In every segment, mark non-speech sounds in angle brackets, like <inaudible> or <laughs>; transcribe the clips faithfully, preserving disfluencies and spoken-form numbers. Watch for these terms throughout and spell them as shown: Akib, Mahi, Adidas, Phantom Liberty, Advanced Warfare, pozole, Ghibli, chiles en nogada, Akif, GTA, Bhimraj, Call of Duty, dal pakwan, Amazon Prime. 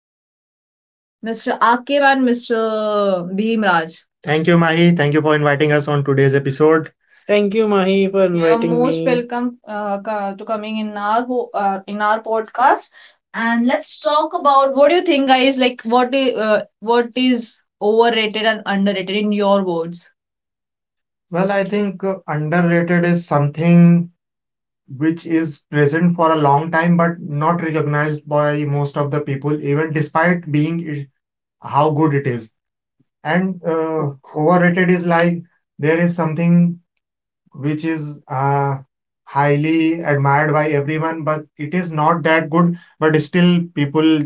Our two guests, mister Akib and mister Bhimraj. Thank you, Mahi. Thank you for inviting us on today's episode. Thank you, Mahi, for You are inviting most me. Welcome uh, co- to coming in our ho- uh, in our podcast. And let's talk about what do you think, guys? Like, what is uh, what is overrated and underrated in your words? Well, I think uh, underrated is something which is present for a long time but not recognized by most of the people, even despite being it, how good it is. And uh, overrated is like there is something which is uh, highly admired by everyone, but it is not that good. But still, people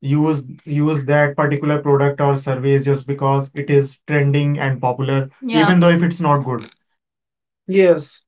use use that particular product or service just because it is trending and popular, yeah, even though if it's not good. Yes.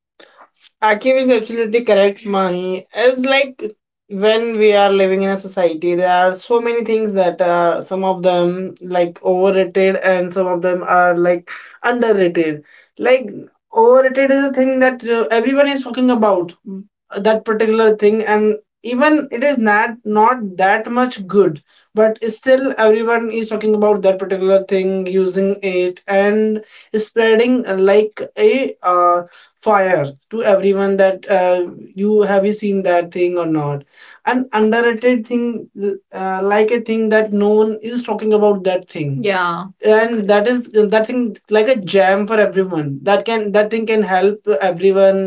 Akif is absolutely correct, Mahi. As like when we are living in a society, there are so many things that are some of them like overrated and some of them are like underrated. Like overrated is a thing that uh, everyone is talking about mm, that particular thing, and even it is not not that much good, but still everyone is talking about that particular thing, using it and spreading uh, like a uh, fire to everyone that uh, you have you seen that thing or not an underrated thing uh, like a thing that no one is talking about that thing, yeah, and that is that thing like a jam for everyone that can that thing can help everyone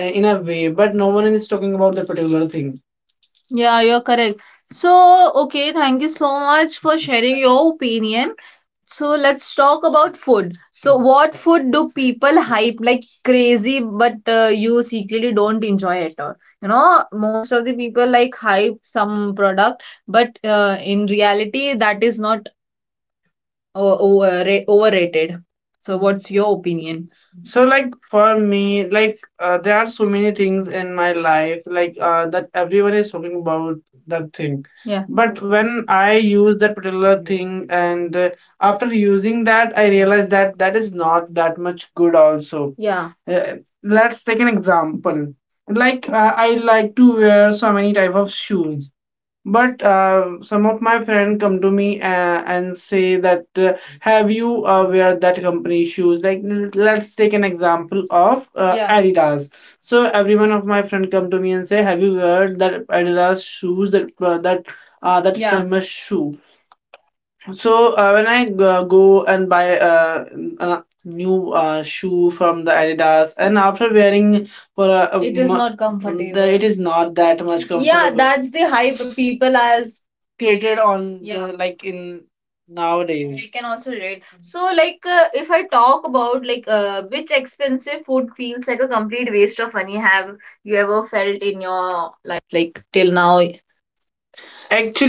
uh, in a way but no one is talking about that particular thing, yeah, you're correct. So, okay, thank you so much for sharing your opinion. So, let's talk about food. So, what food do people hype like crazy, but uh, you secretly don't enjoy at all? You know, most of the people like hype some product, but uh, in reality, that is not or over overrated. So what's your opinion? So like for me, like uh, there are so many things in my life, like uh, that everyone is talking about that thing. Yeah. But when I use that particular thing, and uh, after using that, I realize that that is not that much good. Also, yeah, uh, let's take an example. Like uh, I like to wear so many type of shoes but uh, some of my friend come to me uh, and say that uh, have you uh, wear that company shoes? Like l- let's take an example of uh, yeah, Adidas. So every one of my friend come to me and say, have you wear that Adidas shoes that uh, that uh, that yeah, famous shoe? So uh, when I uh, go and buy uh, n- a new uh, shoe from the Adidas, and after wearing for a, a It is mo- not the, comfortable. It is not that much yeah, comfortable. That's the hype people.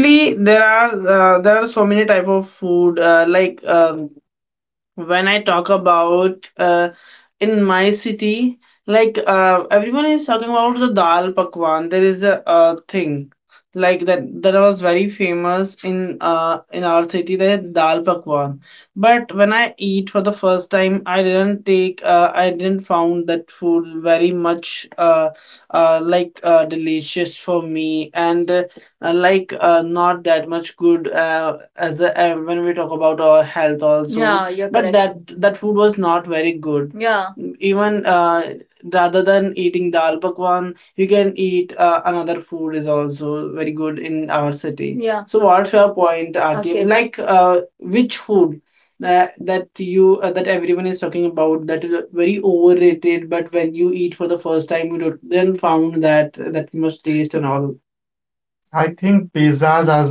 Actually, there are uh, there are so many type of food uh, like um, when I talk about uh, in my city like uh, everyone is talking about the dal pakwan there is a, uh thing like that that was very famous in uh in our city the dal pakwan but when I eat for the first time I didn't take uh, I didn't found that food very much uh, uh like uh, delicious for me and uh, like uh, not that much good uh, as a, uh, when we talk about our health also, yeah, you're but correct. That that food was not very good. Yeah, even uh, rather than eating dal pakwan you can eat uh, another food is also very good in our city. Yeah. So what's your point, R K? Okay. Like uh, which food that, that you uh, that everyone is talking about that is very overrated but when you eat for the first time you don't, then found that that much taste and all. I think pizzas are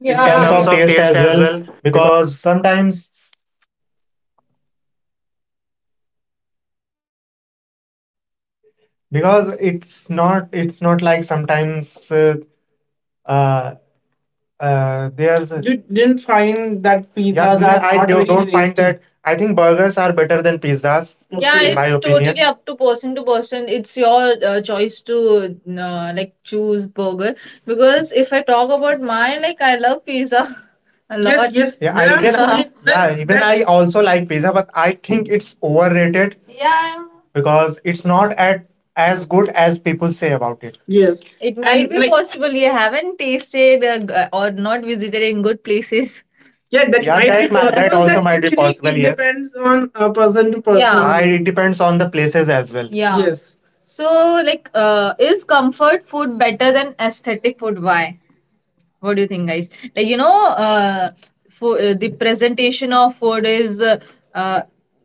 In yeah terms yeah of taste as well, because because it's not it's not like sometimes uh, uh, uh, there's a- you didn't find that yeah pizzas are I, I not do, very don't find tasty. That I think burgers are better than pizzas yeah in okay my it's opinion totally opinion. Up to person to person it's your uh, choice to uh, like choose burger because if I talk about my like I love pizza <laughs> a yes, lot yes, yeah there I there are so even so <laughs> many- there, yeah even there- I also like pizza but I think it's overrated yeah because it's not at as good as people say about it. Yes. It might and be like- possible you haven't tasted uh, g- uh, or not visited in good places. Yeah, that yeah, might that be might- that ma- possible, that also that might be actually possible, it yes depends on a person to person. Yeah. Uh, it depends on the places as well. Yeah. Yes. So, like, uh, is comfort food better than aesthetic food? Why? What do you think, guys? Like, you know, uh, for uh, the presentation of food is uh, uh,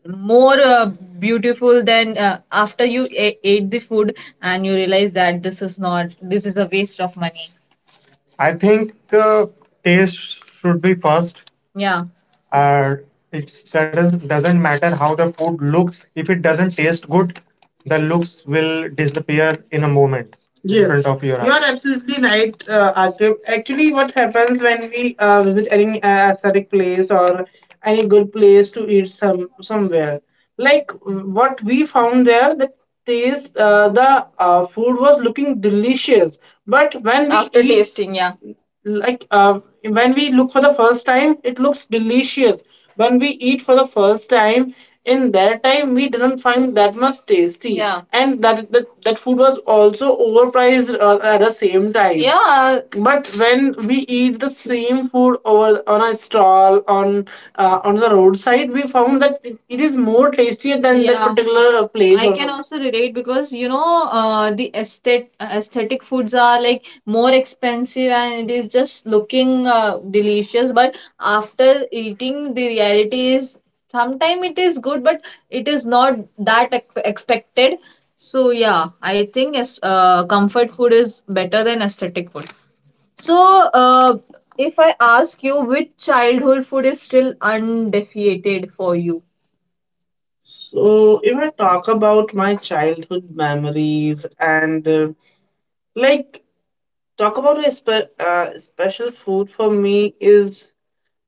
more uh, beautiful than uh, after you a- ate the food and you realize that this is not this is a waste of money. I think uh, taste should be first. Yeah, uh, it doesn't is, doesn't matter how the food looks, if it doesn't taste good the looks will disappear in a moment in yes, front of your you eyes are absolutely right, uh, Akib. Actually, what happens when we uh, visit any uh, aesthetic place or any good place to eat some somewhere? Like what we found there, the taste, uh, the uh, food was looking delicious, but when we after eat tasting yeah like uh, when we look for the first time it looks delicious, when we eat for the first time in that time we didn't find that much tasty. Yeah. And that that, that food was also overpriced uh, at the same time. Yeah. But when we eat the same food over on a stall on uh, on the roadside, we found that it, it is more tasty easier than that. Yeah. Particular uh, place. I or can also relate because you know uh, the aesthetic aesthetic foods are like more expensive and it is just looking uh, delicious but after eating the reality is sometimes it is good but it is not that ex- expected. So yeah, I think as uh, comfort food is better than aesthetic food. So uh, if I ask you, which childhood food is still undefeated for you? So, if I talk about my childhood memories, and uh, like talk about a spe- uh, special food for me is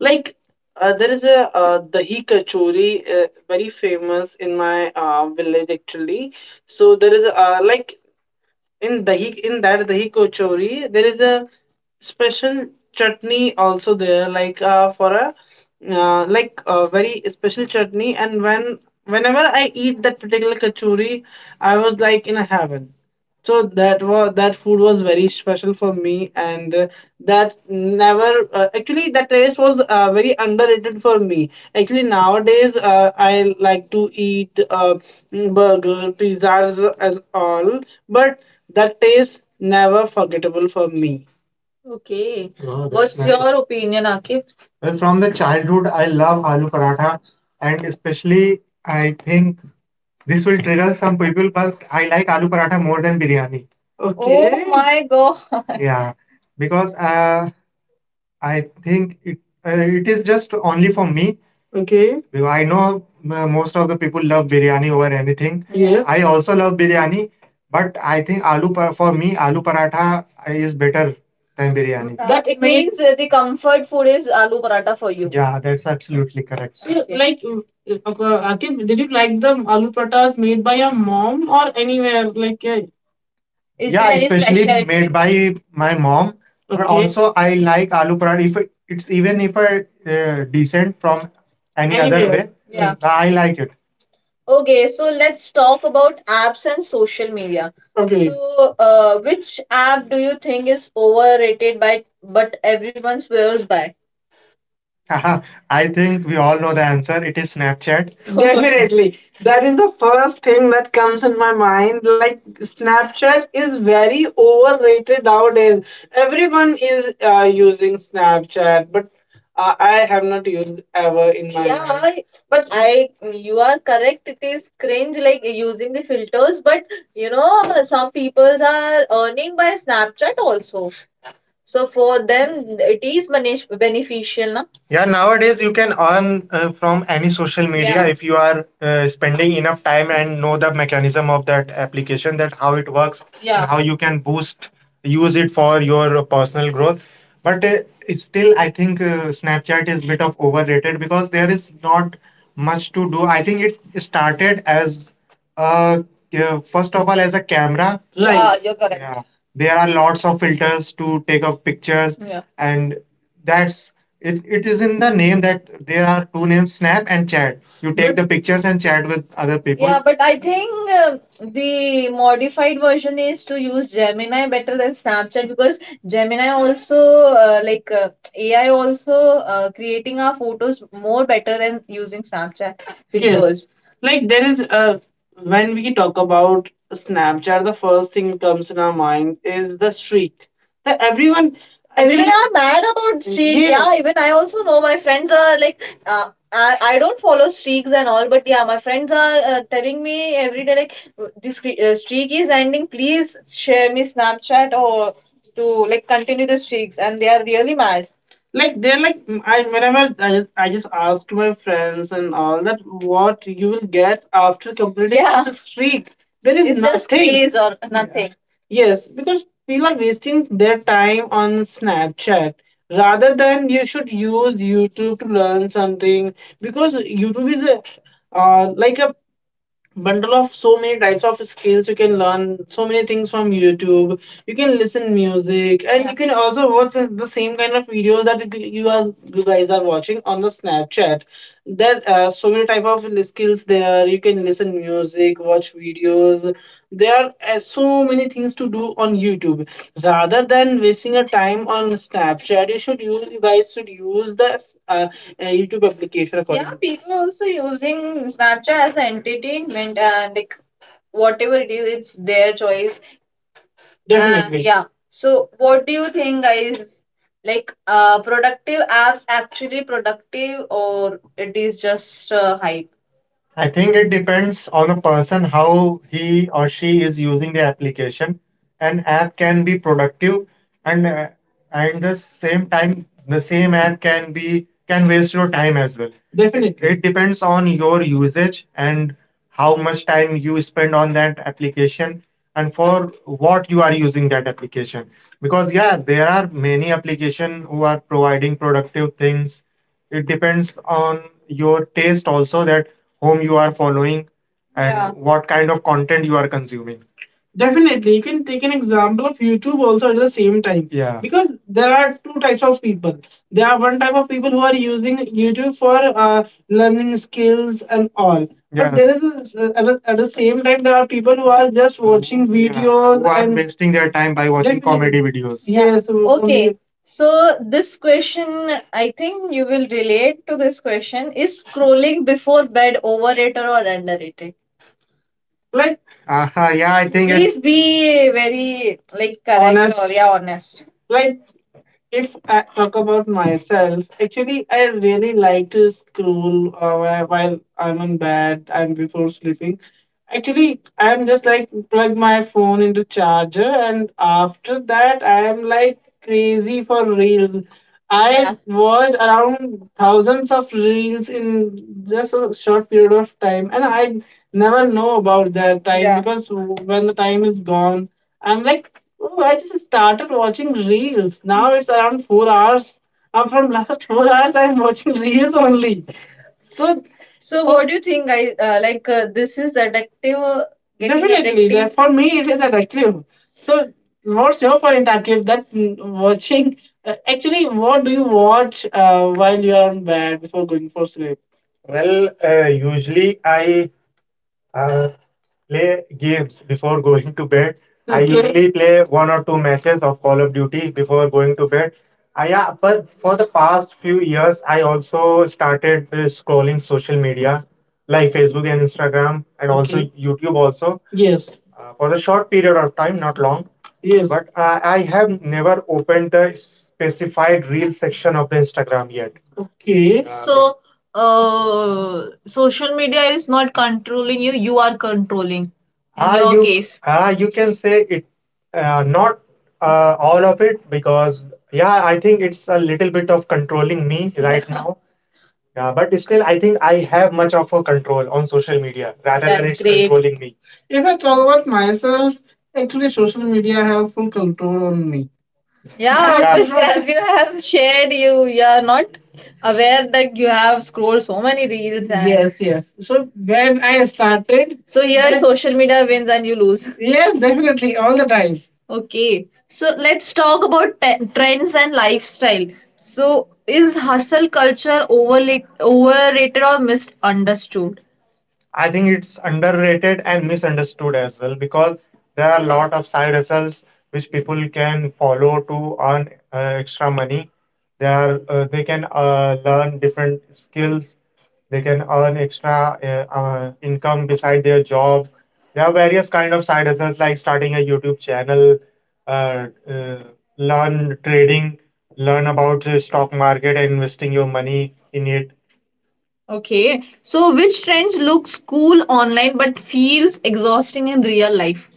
like uh, there is a uh, dahi kachori, uh, very famous in my uh, village, actually. So there is uh, like in dahi, in that dahi kochori, there is a special chutney also there, like uh, for a uh, like a very special chutney. And when, whenever I eat that particular kachori, I was like in a heaven. So that was that food was very special for me, and uh, that never uh, actually that taste was uh, very underrated for me. Actually, nowadays uh, I like to eat uh, burger, pizzas, as all, but that is never forgettable for me. Okay. Wow, that's what's your nice opinion, Akif? Well, from the childhood, I love aloo paratha, and especially I think this will trigger some people, but I like aloo paratha more than biryani. Okay. Oh okay, my god. <laughs> Yeah, because uh, I think it uh, it is just only for me. Okay. Because I know uh, most of the people love biryani over anything. Yes. I also love biryani, but I think aloo par- for me aloo paratha is better than biryani. Uh, That it means uh, the comfort food is aloo paratha for you. Yeah, that's absolutely correct. So, okay, like uh, uh, Akib, did you like the aloo pratas made by your mom or anywhere? Like, uh, is yeah, there any especially specialty made by my mom? But okay, also, I like aloo paratha. If it, it's even if I uh, decent from any other anywhere way, yeah, I like it. Okay, so let's talk about apps and social media. Okay. So, uh, which app do you think is overrated by but everyone swears by? <laughs> Haha, I think we all know the answer. It is Snapchat. <laughs> Definitely. That is the first thing that comes in my mind. Like Snapchat is very overrated nowadays. Everyone is uh, using Snapchat, but uh, I have not used ever in my yeah life. I- But i you are correct, it is cringe like using the filters, but you know some people are earning by Snapchat also, so for them, it is bene- beneficial, na? Yeah, nowadays you can earn uh, from any social media. Yeah. If you are uh, spending enough time and know the mechanism of that application, that how it works. Yeah. And yeah, how you can boost, use it for your personal growth. But uh, it's still, I think uh, Snapchat is bit of overrated because there is not much to do. I think it started as uh, uh, first of all as a camera. Right. Yeah, you're correct. Yeah, there are lots of filters to take up pictures. Yeah. And that's it, it is in the name that there are two names, snap and chat. You take but the pictures and chat with other people. Yeah, but I think uh, the modified version is to use Gemini better than Snapchat because Gemini also uh, like uh, A I also uh, creating our photos more better than using Snapchat. Yes. Videos. Like, there is uh, when we talk about Snapchat, the first thing comes in our mind is the streak. That everyone, Everyone everyone, are mad about streak. Yes, yeah, yes, even I also know my friends are like, uh, I, I don't follow streaks and all, but yeah, my friends are uh, telling me every day, like, this cre- uh, streak is ending, please share me Snapchat or to like continue the streaks. And they are really mad, like they're like, mm, I whenever I just, I just asked my friends and all that what you will get after completing. Yeah. This streak, there is it's just nothing, craze or nothing. Yes. Because people are wasting their time on Snapchat rather than you should use YouTube to learn something, because YouTube is a uh, like a bundle of so many types of skills. You can learn so many things from YouTube, you can listen music and you can also watch the same kind of videos that you you are you guys are watching on the Snapchat. There are so many type of skills there, you can listen music, watch videos. There are uh, so many things to do on YouTube rather than wasting your time on Snapchat. You should use, you guys should use the uh, uh, YouTube application accordingly. Yeah, people also using Snapchat as an entertainment and like, whatever it is, it's their choice. And definitely. Uh, yeah. So what do you think, guys? Like, uh productive apps actually productive or it is just uh, hype? I think it depends on a person how he or she is using the application. An app can be productive and uh, and the same time the same app can be, can waste your time as well. Definitely. It depends on your usage and how much time you spend on that application and for what you are using that application. Because yeah, there are many application who are providing productive things. It depends on your taste also, that whom you are following, and yeah, what kind of content you are consuming. Definitely, you can take an example of YouTube also at the same time. Yeah. Because there are two types of people. There are one type of people who are using YouTube for uh, learning skills and all. But there yes is a, at, the- at the same time there are people who are just watching, yeah, videos who are and wasting their time by watching, definitely, comedy videos. Yeah, yes. Okay, so this question, I think you will relate to this question. Is scrolling before bed overrated or underrated? Like, uh-huh, yeah, I think it's please it's- be very like correct honest, or yeah, honest. Like, if I talk about myself, actually, I really like to scroll uh, while while I'm in bed and before sleeping. Actually, I'm just like plug my phone into charger, and after that, I am like crazy for reels. Yeah. I yeah watched around thousands of reels in just a short period of time, and I never know about that time. Yeah. because when the time is gone, I'm like, oh, I just started watching reels. Now it's around four hours. I'm from last <laughs> four hours, I'm watching reels only. So, so what do you think, guys? Uh, like, uh, this is addictive. Uh, getting, definitely, addictive. That- for me, it is addictive. So, what's your point, Akib? That mm, watching uh, actually, what do you watch uh, while you are in bed before going for sleep? Well, uh, usually I uh, play games before going to bed. I, okay, usually play one or two matches of Call of Duty before going to bed. I, yeah, but for the past few years, I also started uh, scrolling social media like Facebook and Instagram, and also, okay, YouTube also, yes, uh, for a short period of time, not long. Yes. But uh, I have never opened the specified reel section of the Instagram yet. Okay. Uh, So uh social media is not controlling you you are controlling, in, ah, your, you, case, ah, you can say it, uh, not uh, all of it, because, yeah, I think it's a little bit of controlling me right <laughs> now. Yeah, but still, I think I have much of a control on social media rather than, that's, it's great, controlling me. If I talk about myself, actually social media have full control on me. Yeah, <laughs> yeah, obviously, as you have shared, you you are not aware that you have scrolled so many reels. And yes, yes, so when I started, so here, yeah, social media wins and you lose. Yes, definitely, all the time. Okay, so let's talk about te- trends and lifestyle. So, is hustle culture overla- overrated or misunderstood? I think it's underrated and misunderstood as well, because there are a lot of side hustles which people can follow to earn uh, extra money. They are uh, they can uh, learn different skills. They can earn extra uh, uh, income beside their job. There are various kind of side hustles like starting a YouTube channel, uh, uh, learn trading, learn about uh, stock market, and investing your money in it. Okay. So which trends looks cool online but feels exhausting in real life?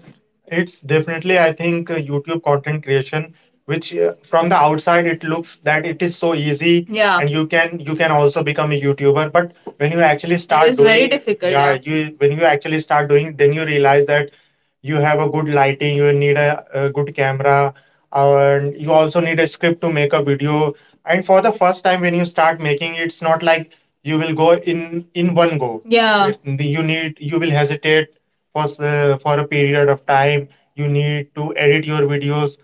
It's definitely, I think, uh, YouTube content creation, which, uh, from the outside, it looks that it is so easy. Yeah, and you can you can also become a YouTuber. But when you actually, it start, it is doing, very difficult, yeah. Yeah, you when you actually start doing, then you realize that you have a good lighting, you need a, a good camera, and you also need a script to make a video. And for the first time, when you start making, it's not like you will go in in one go. Yeah, it, you need you will hesitate for s- uh, for a period of time. You need to edit your videos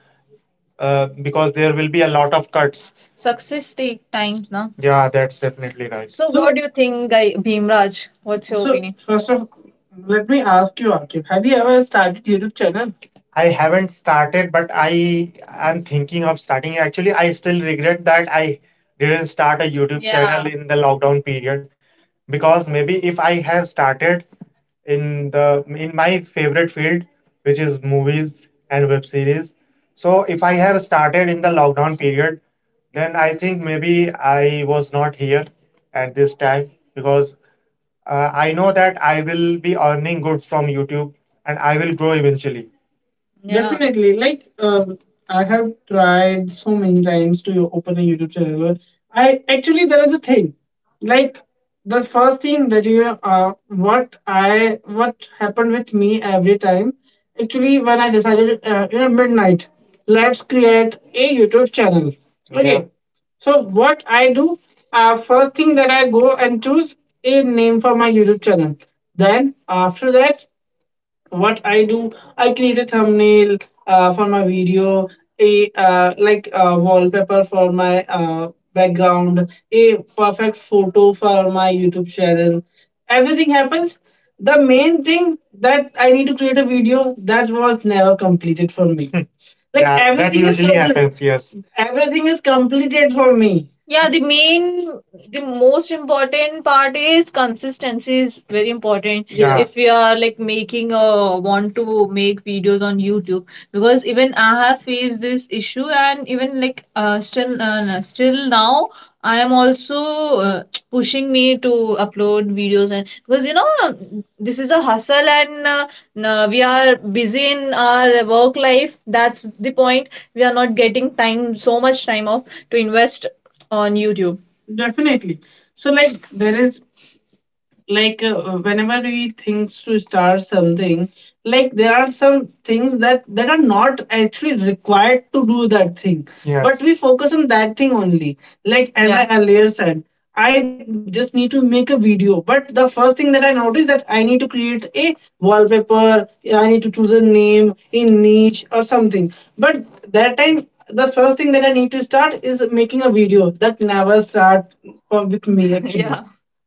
uh, because there will be a lot of cuts. Success take times, na. Yeah, that's definitely right. So, So- what do you think, guy Bhimraj? What's your, so, opinion? First of, let me ask you, Ankit, have you ever started YouTube channel? I haven't started, but I am thinking of starting. Actually, I still regret that I didn't start a YouTube, yeah, channel in the lockdown period, because maybe if I have started in the in my favorite field, which is movies and web series, so if I have started in the lockdown period, then I think maybe I was not here at this time, because uh, I know that I will be earning good from YouTube and I will grow eventually. Yeah. Definitely. Like, um, I have tried so many times to open a YouTube channel. I Actually, there is a thing, like the first thing that you, uh, what I what happened with me every time. Actually, when I decided, uh, you know, midnight, let's create a YouTube channel. Okay. Yeah. So what I do, uh, first thing that I go and choose a name for my YouTube channel. Then after that, what I do, I create a thumbnail uh, for my video, a, uh, like, uh, wallpaper for my uh, background, a perfect photo for my YouTube channel. Everything happens. The main thing that I need to create a video, that was never completed for me. Like, yeah, that everything is usually complete. Happens. Yes. Everything is completed for me. Yeah, the main, the most important part is consistency is very important. Yeah. If we are like making a want to make videos on YouTube, because even I have faced this issue, and even like, uh, still uh, still now, I am also uh, <tsk> pushing me to upload videos, and because, you know, this is a hustle, and uh, no, we are busy in our work life. That's the point, we are not getting time so much time off to invest on YouTube. Definitely. So, like, there is, like, uh, whenever we think to start something, like there are some things that that are not actually required to do that thing. Yes. But we focus on that thing only, like, as, yeah, I earlier said, I just need to make a video, but the first thing that I noticed, that I need to create a wallpaper, I need to choose a name in niche or something, but that time, the first thing that I need to start is making a video, that never start for with me <laughs> actually. Yeah,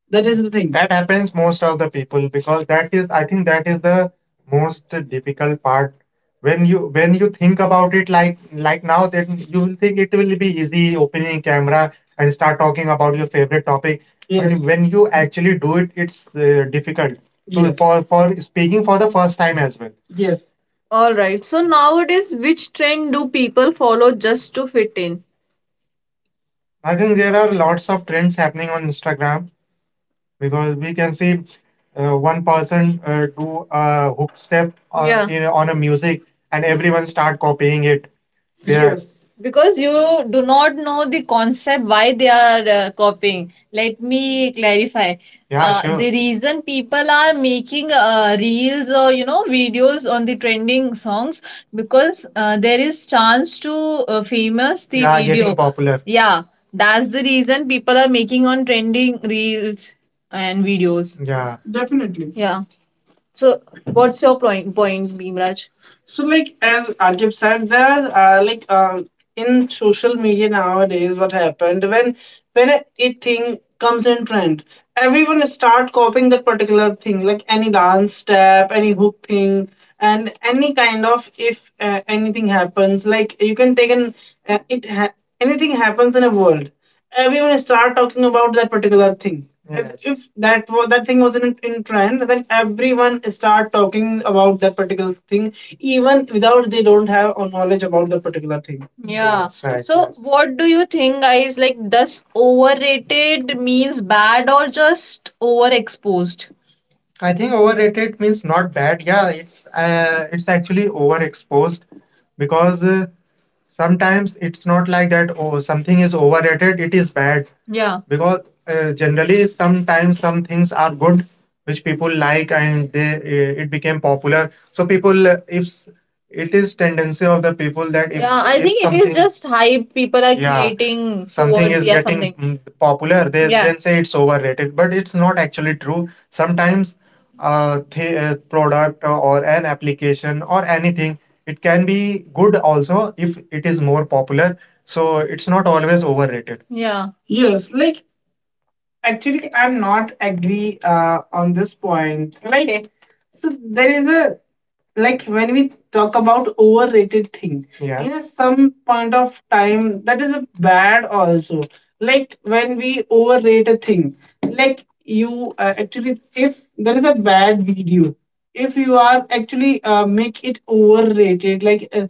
that is the thing that happens most of the people, because that is I think that is the most difficult part. When you when you think about it, like like now, then you will think it will be easy opening camera and start talking about your favorite topic. Yes. And when you actually do it, it's uh, difficult to, yes, for for speaking for the first time as well. Yes. All right. So nowadays, which trend do people follow just to fit in? I think there are lots of trends happening on Instagram, because we can see uh, one person uh, do a hook step on, yeah, in, on a music, and everyone start copying it. They're- Yes, because you do not know the concept why they are uh, copying. Let me clarify. Yeah, uh, sure, the reason people are making uh, reels or, you know videos on the trending songs, because uh, there is chance to uh, famous the, yeah, video, getting video, popular. Yeah, that's the reason people are making on trending reels and videos. Yeah. Definitely. Yeah. So, what's your point, point Beamraj? So, like, as Akib said, there are uh, like, uh, in social media nowadays, what happened when when a thing comes in trend, everyone start copying that particular thing, like any dance step, any hook thing, and any kind of, if uh, anything happens, like you can take an, uh, it ha- anything happens in a world, everyone start talking about that particular thing. If, if that wa- that thing was in, in trend, then everyone start talking about that particular thing, even without they don't have a knowledge about that particular thing, yeah. That's right. So, yes, what do you think, guys? Like, does overrated means bad or just overexposed? I think overrated means not bad. Yeah, it's uh, it's actually overexposed, because uh, sometimes it's not like that. Oh, something is overrated. It is bad. Yeah, because uh, generally, sometimes some things are good, which people like, and they uh, it became popular, so people uh, if s- it is tendency of the people that if, yeah, I if think it is something, just hype. People are, yeah, creating something towards- is, yeah, getting something, mm, popular, they, yeah, then say it's overrated, but it's not actually true. Sometimes a th- uh, product or an application or anything, it can be good also if it is more popular, so it's not always overrated. Yeah. Yes, like, actually, I'm not agree uh, on this point. Like, okay, so there is a, like, when we talk about overrated thing, yes, there is some point of time that is a bad also. Like, when we overrate a thing, like you uh, actually, if there is a bad video, if you are actually uh, make it overrated, like, uh,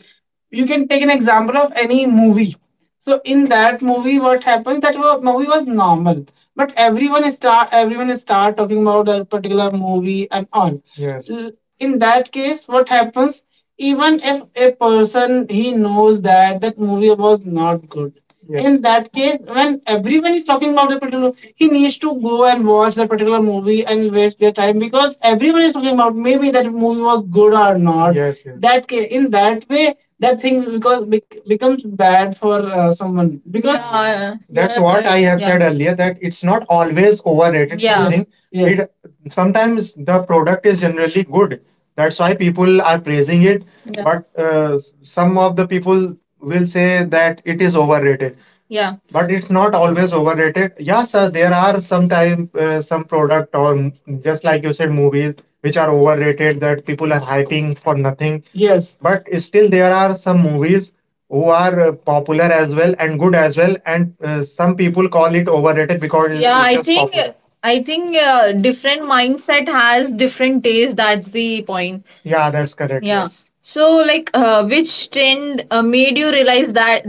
you can take an example of any movie. So in that movie, what happens? That wa- movie was normal, but everyone start everyone start talking about that particular movie and all. Yes. L- In that case, what happens? Even if a person, he knows that that movie was not good, in, yes, that case, when everyone is talking about the particular, he needs to go and watch the particular movie and waste their time, because everyone is talking about, maybe that movie was good or not. Yes. Yes. That ca- in that way, that thing, because bec- becomes bad for uh, someone, because, yeah, that's, yeah, what, right, I, right, have, yeah. said earlier that it's not always overrated. Yeah. Something yes, it sometimes the product is generally good. That's why people are praising it. Yeah. But uh, s- some of the people will say that it is overrated. Yeah, but it's not always overrated yeah sir there are some time uh, some product or m- just like you said movies which are overrated that people are hyping for nothing. Yes. But still there are some movies who are uh, popular as well and good as well and uh, some people call it overrated because it's- yeah it's I just think popular. I think uh, different mindset has different taste. That's the point. Yeah, that's correct. Yeah. Yes. So, like, uh, which trend uh, made you realize that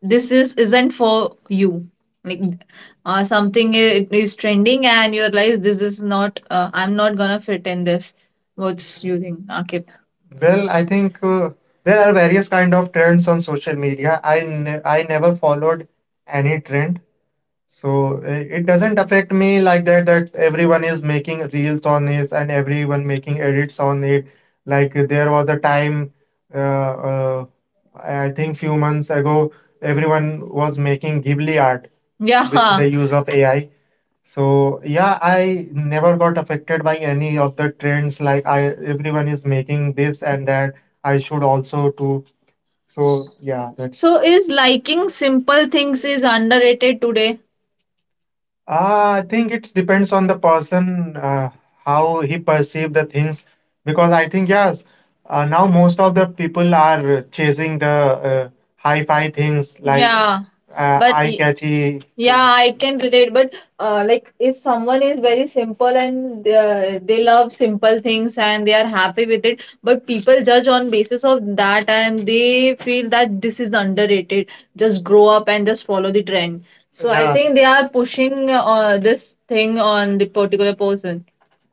this is isn't for you? Like, uh, something i- is trending, and you realize this is not. Uh, I'm not gonna fit in this. What's you think, Akib? Well, I think uh, there are various kind of trends on social media. I ne- I never followed any trend. So i- it doesn't affect me like that, that everyone is making reels on it and everyone making edits on it. Like there was a time, uh, uh, I I think few months ago, everyone was making Ghibli art with Yeah. the use of A I. So yeah, I never got affected by any of the trends. Like I, everyone is making this and that. I should also too. So yeah, that's. So is liking simple things is underrated today? Uh, I think it depends on the person uh, how he perceive the things because I think yes uh, now most of the people are chasing the uh, hi-fi things like yeah, uh, but eye y- catchy yeah, things. I can relate. But uh, like, if someone is very simple and uh, they love simple things and they are happy with it, but people judge on basis of that and they feel that this is underrated. Just grow up and just follow the trend. So I Yeah. think they are pushing uh, this thing on the particular person.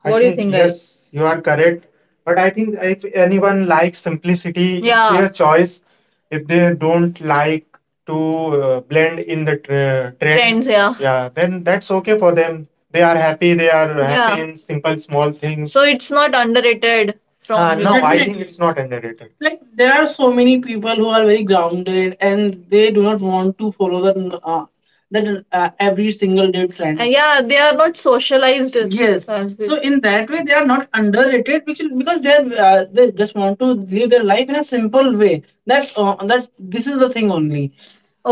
I What do you think, think guys? Yes, you are correct. But I think if anyone likes simplicity, it's Yeah. their choice. If they don't like to uh, blend in the tra- trend. Trends, yeah. Yeah, then that's okay for them. They are happy. They are happy Yeah. in simple small things. So it's not underrated from Uh, you. No, music. I think Definitely. It's not underrated. Like there are so many people who are very grounded and they do not want to follow the uh, that uh, every single day Uh, trends. Uh, yeah, they are not socialized. Yes. Sounds good. So Sanskrit. In that way, they are not underrated because because they are uh, they just want to live their life in a simple way. That's uh, that this is the thing only.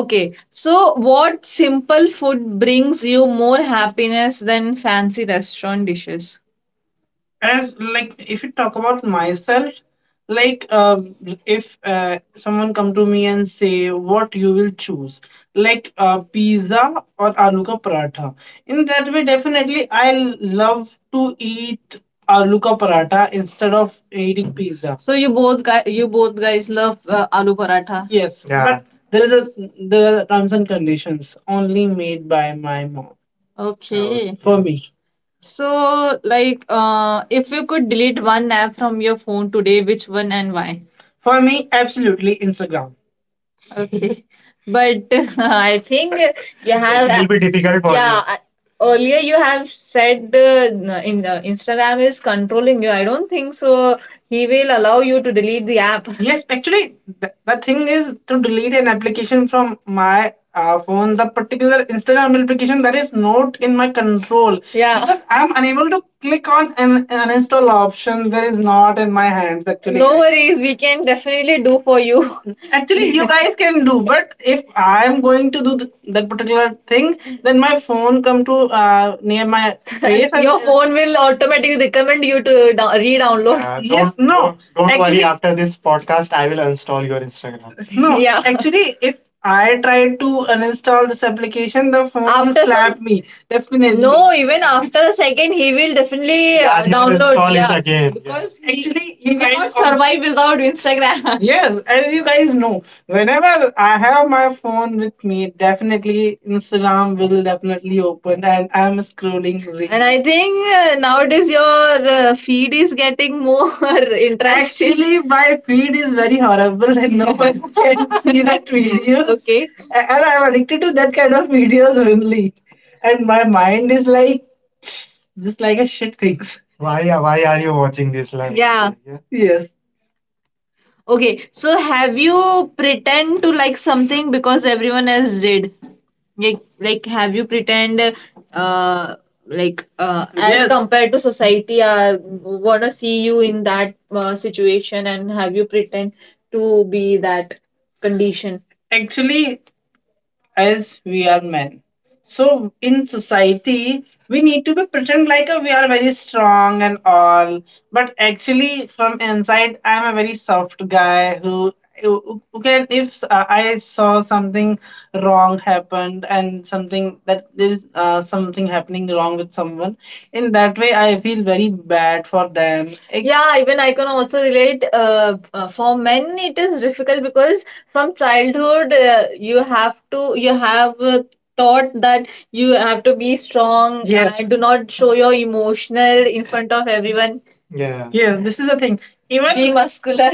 Okay, so what simple food brings you more happiness than fancy restaurant dishes? As like if you talk about myself, like uh, if uh, someone come to me and say what you will choose, like uh, pizza or aloo ka paratha, in that way definitely I love to eat aloo ka paratha instead of eating pizza. So you both guys, you both guys love uh, aloo paratha. Yes. Yeah. But there is a there are terms and conditions only made by my mom. Okay. for me. So, like, uh, if you could delete one app from your phone today, which one and why? For me, absolutely Instagram. Okay. <laughs> But <laughs> I think you have It have will be difficult for yeah you. Yeah I, earlier you have said uh, n- in uh, instagram is controlling you, I don't think so he will allow you to delete the app. <laughs> Yes, actually, the, the thing is to delete an application from my uh, phone, the particular Instagram application that is not in my control. Yeah. Because I'm unable to click on an uninstall option that is not in my hands, actually. No worries, we can definitely do for you. <laughs> Actually, you guys can do, but if I am going to do th- that particular thing, then my phone come to uh, near my face. <laughs> and- Your phone will automatically recommend you to dou- re-download. Uh, don't- Yes, no. Don't, don't worry. Actually- After this podcast, I will uninstall your Instagram. <laughs> No, Yeah. actually, if I tried to uninstall this application, the phone After some- slapped some- me. Definitely. No, even after a second, he will definitely uh, Yeah, he will download. Install Yeah, it again. Yes. because he, Actually, he you will not guys cannot also- survive without Instagram. <laughs> Yes, as you guys know, whenever I have my phone with me, definitely Instagram will definitely be opened and I'm scrolling reels. And I reels. Think uh, nowadays your uh, feed is getting more <laughs> interaction. Actually, my feed is very horrible and no one <laughs> can see that <laughs> video. Okay. A- And I'm addicted to that kind of videos only. And my mind is like, just like a shit things. Why, why are you watching this? Like, Yeah. yeah. Yes. Okay, so have you pretend to like something because everyone else did? Like, like have you pretend, uh, like uh, as Yes. compared to society, I wanna see you in that uh, situation, and have you pretend to be that condition? Actually as we are men. So in society, we need to be pretend like uh, we are very strong and all, but actually from inside, I am a very soft guy who who who can if uh, I saw something wrong happened and something that is there's uh, something happening wrong with someone, in that way I feel very bad for them. It- yeah even I can also relate uh, uh, for men it is difficult because from childhood uh, you have to you have uh, taught that you have to be strong Yes. and do not show your emotional in front of everyone. Yeah. Yeah, this is the thing. Even be muscular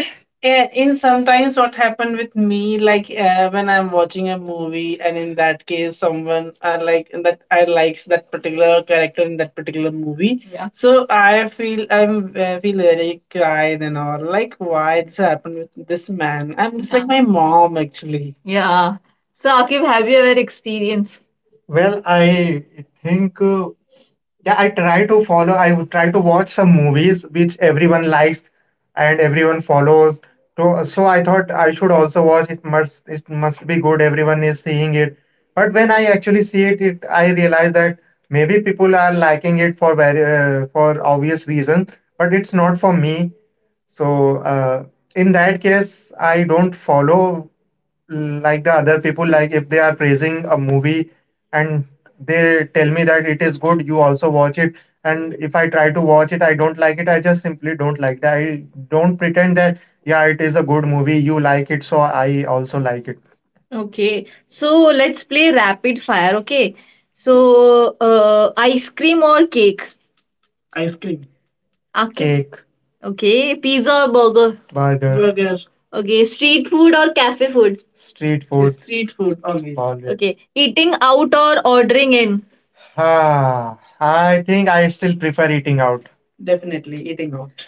yeah, in sometimes what happened with me, like uh, when I'm watching a movie, and in that case, someone I like that I likes that particular character in that particular movie. Yeah. So I feel I'm I feel very cried and all. Like, why this happened with this man? I'm just Yeah. like Yeah. my mom actually. Yeah. So, Akib, have you ever experienced? Well, I think. Uh, yeah, I try to follow. I would try to watch some movies which everyone likes and everyone follows. So, so I thought I should also watch it. Must it must be good? Everyone is seeing it. But when I actually see it, it I realize that maybe people are liking it for very uh, for obvious reasons, but it's not for me. So uh, in that case, I don't follow. Mm, like the other people, like if they are praising a movie and they tell me that it is good, you also watch it, and if I try to watch it I don't like it. I just simply don't like it. I don't pretend that yeah it is a good movie, you like it so I also like it. Okay, so let's play rapid fire. Okay, so uh, ice cream or cake? Ice cream. Okay. Cake. Okay. Pizza or burger? Burger burger, Okay. Street food or cafe food? Street food street food, always. Always. Okay. Eating out or ordering in? Ah, I think I still prefer eating out. Definitely eating out.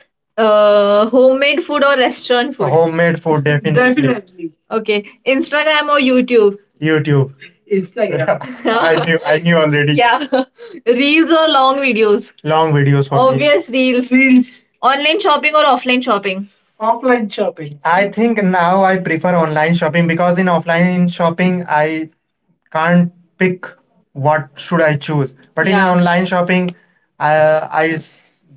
Uh, homemade food or restaurant food? Homemade food, definitely. Definitely. Okay, Instagram or YouTube? YouTube. Instagram. <laughs> I knew. I knew already. Yeah. <laughs> Reels or long videos? Long videos for me. Obvious reels. Reels. Online shopping or offline shopping? Offline shopping. I think now I prefer online shopping because in offline shopping I can't pick what should I choose. But Yeah. in Yeah. online shopping, I, I s-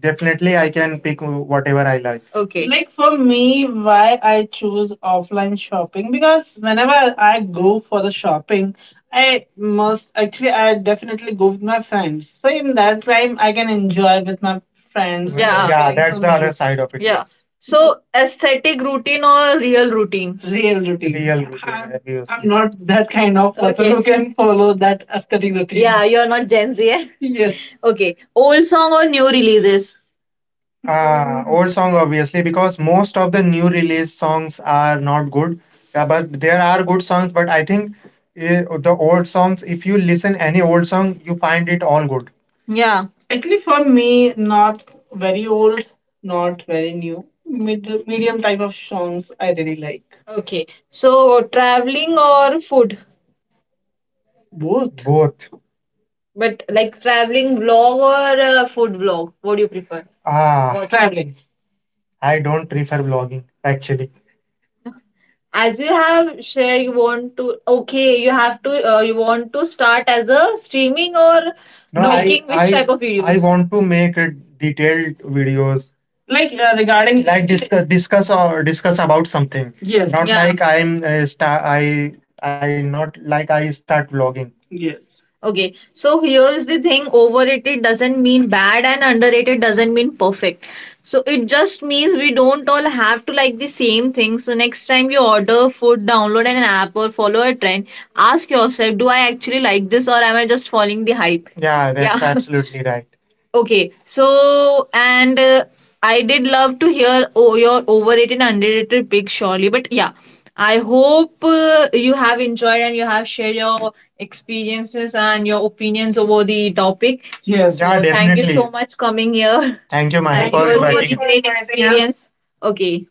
definitely I can pick whatever I like. Okay. Like for me, why I choose offline shopping because whenever I go for the shopping, I must actually I definitely go with my friends. So in that time, I can enjoy with my friends. Yeah. Yeah, that's the other side of it. Yeah. Yes. So, aesthetic routine or real routine? Real routine. Real routine, I'm, I'm not that kind of person Okay. who can follow that aesthetic routine. Yeah, you're not Gen Z. <laughs> eh? Yes. Okay. Old song or new releases? Ah, old song obviously because most of the new release songs are not good. Yeah, but there are good songs, but I think eh, the old songs, if you listen any old song, you find it all good. Yeah. Actually, for me, not very old, not very new. Mid- medium type of songs I really like. Okay. So traveling or food? Both. Both. But like traveling vlog or uh, food vlog? What do you prefer? Ah, Watching. Traveling. I don't prefer blogging actually. As you have share you want to okay you have to uh, you want to start as a streaming or No, I, making which I, type of videos I videos? Want to make a detailed videos. Like uh, regarding like discuss discuss or discuss about something. Yes, Not Yeah. like I'm uh, star. I I not like I start vlogging. Yes. Okay, so here's the thing: overrated doesn't mean bad and underrated doesn't mean perfect. So it just means we don't all have to like the same thing. So next time you order food, download an app or follow a trend, ask yourself, do I actually like this or am I just following the hype? Yeah, that's Yeah. <laughs> absolutely right. Okay, so and uh, I did love to hear oh, your overrated and underrated pick surely, but yeah, I hope uh, you have enjoyed and you have shared your experiences and your opinions over the topic. Yes. So Yeah, So Thank you definitely. So much coming here. Thank you, Maya, It for was such a inviting. A great experience. Okay.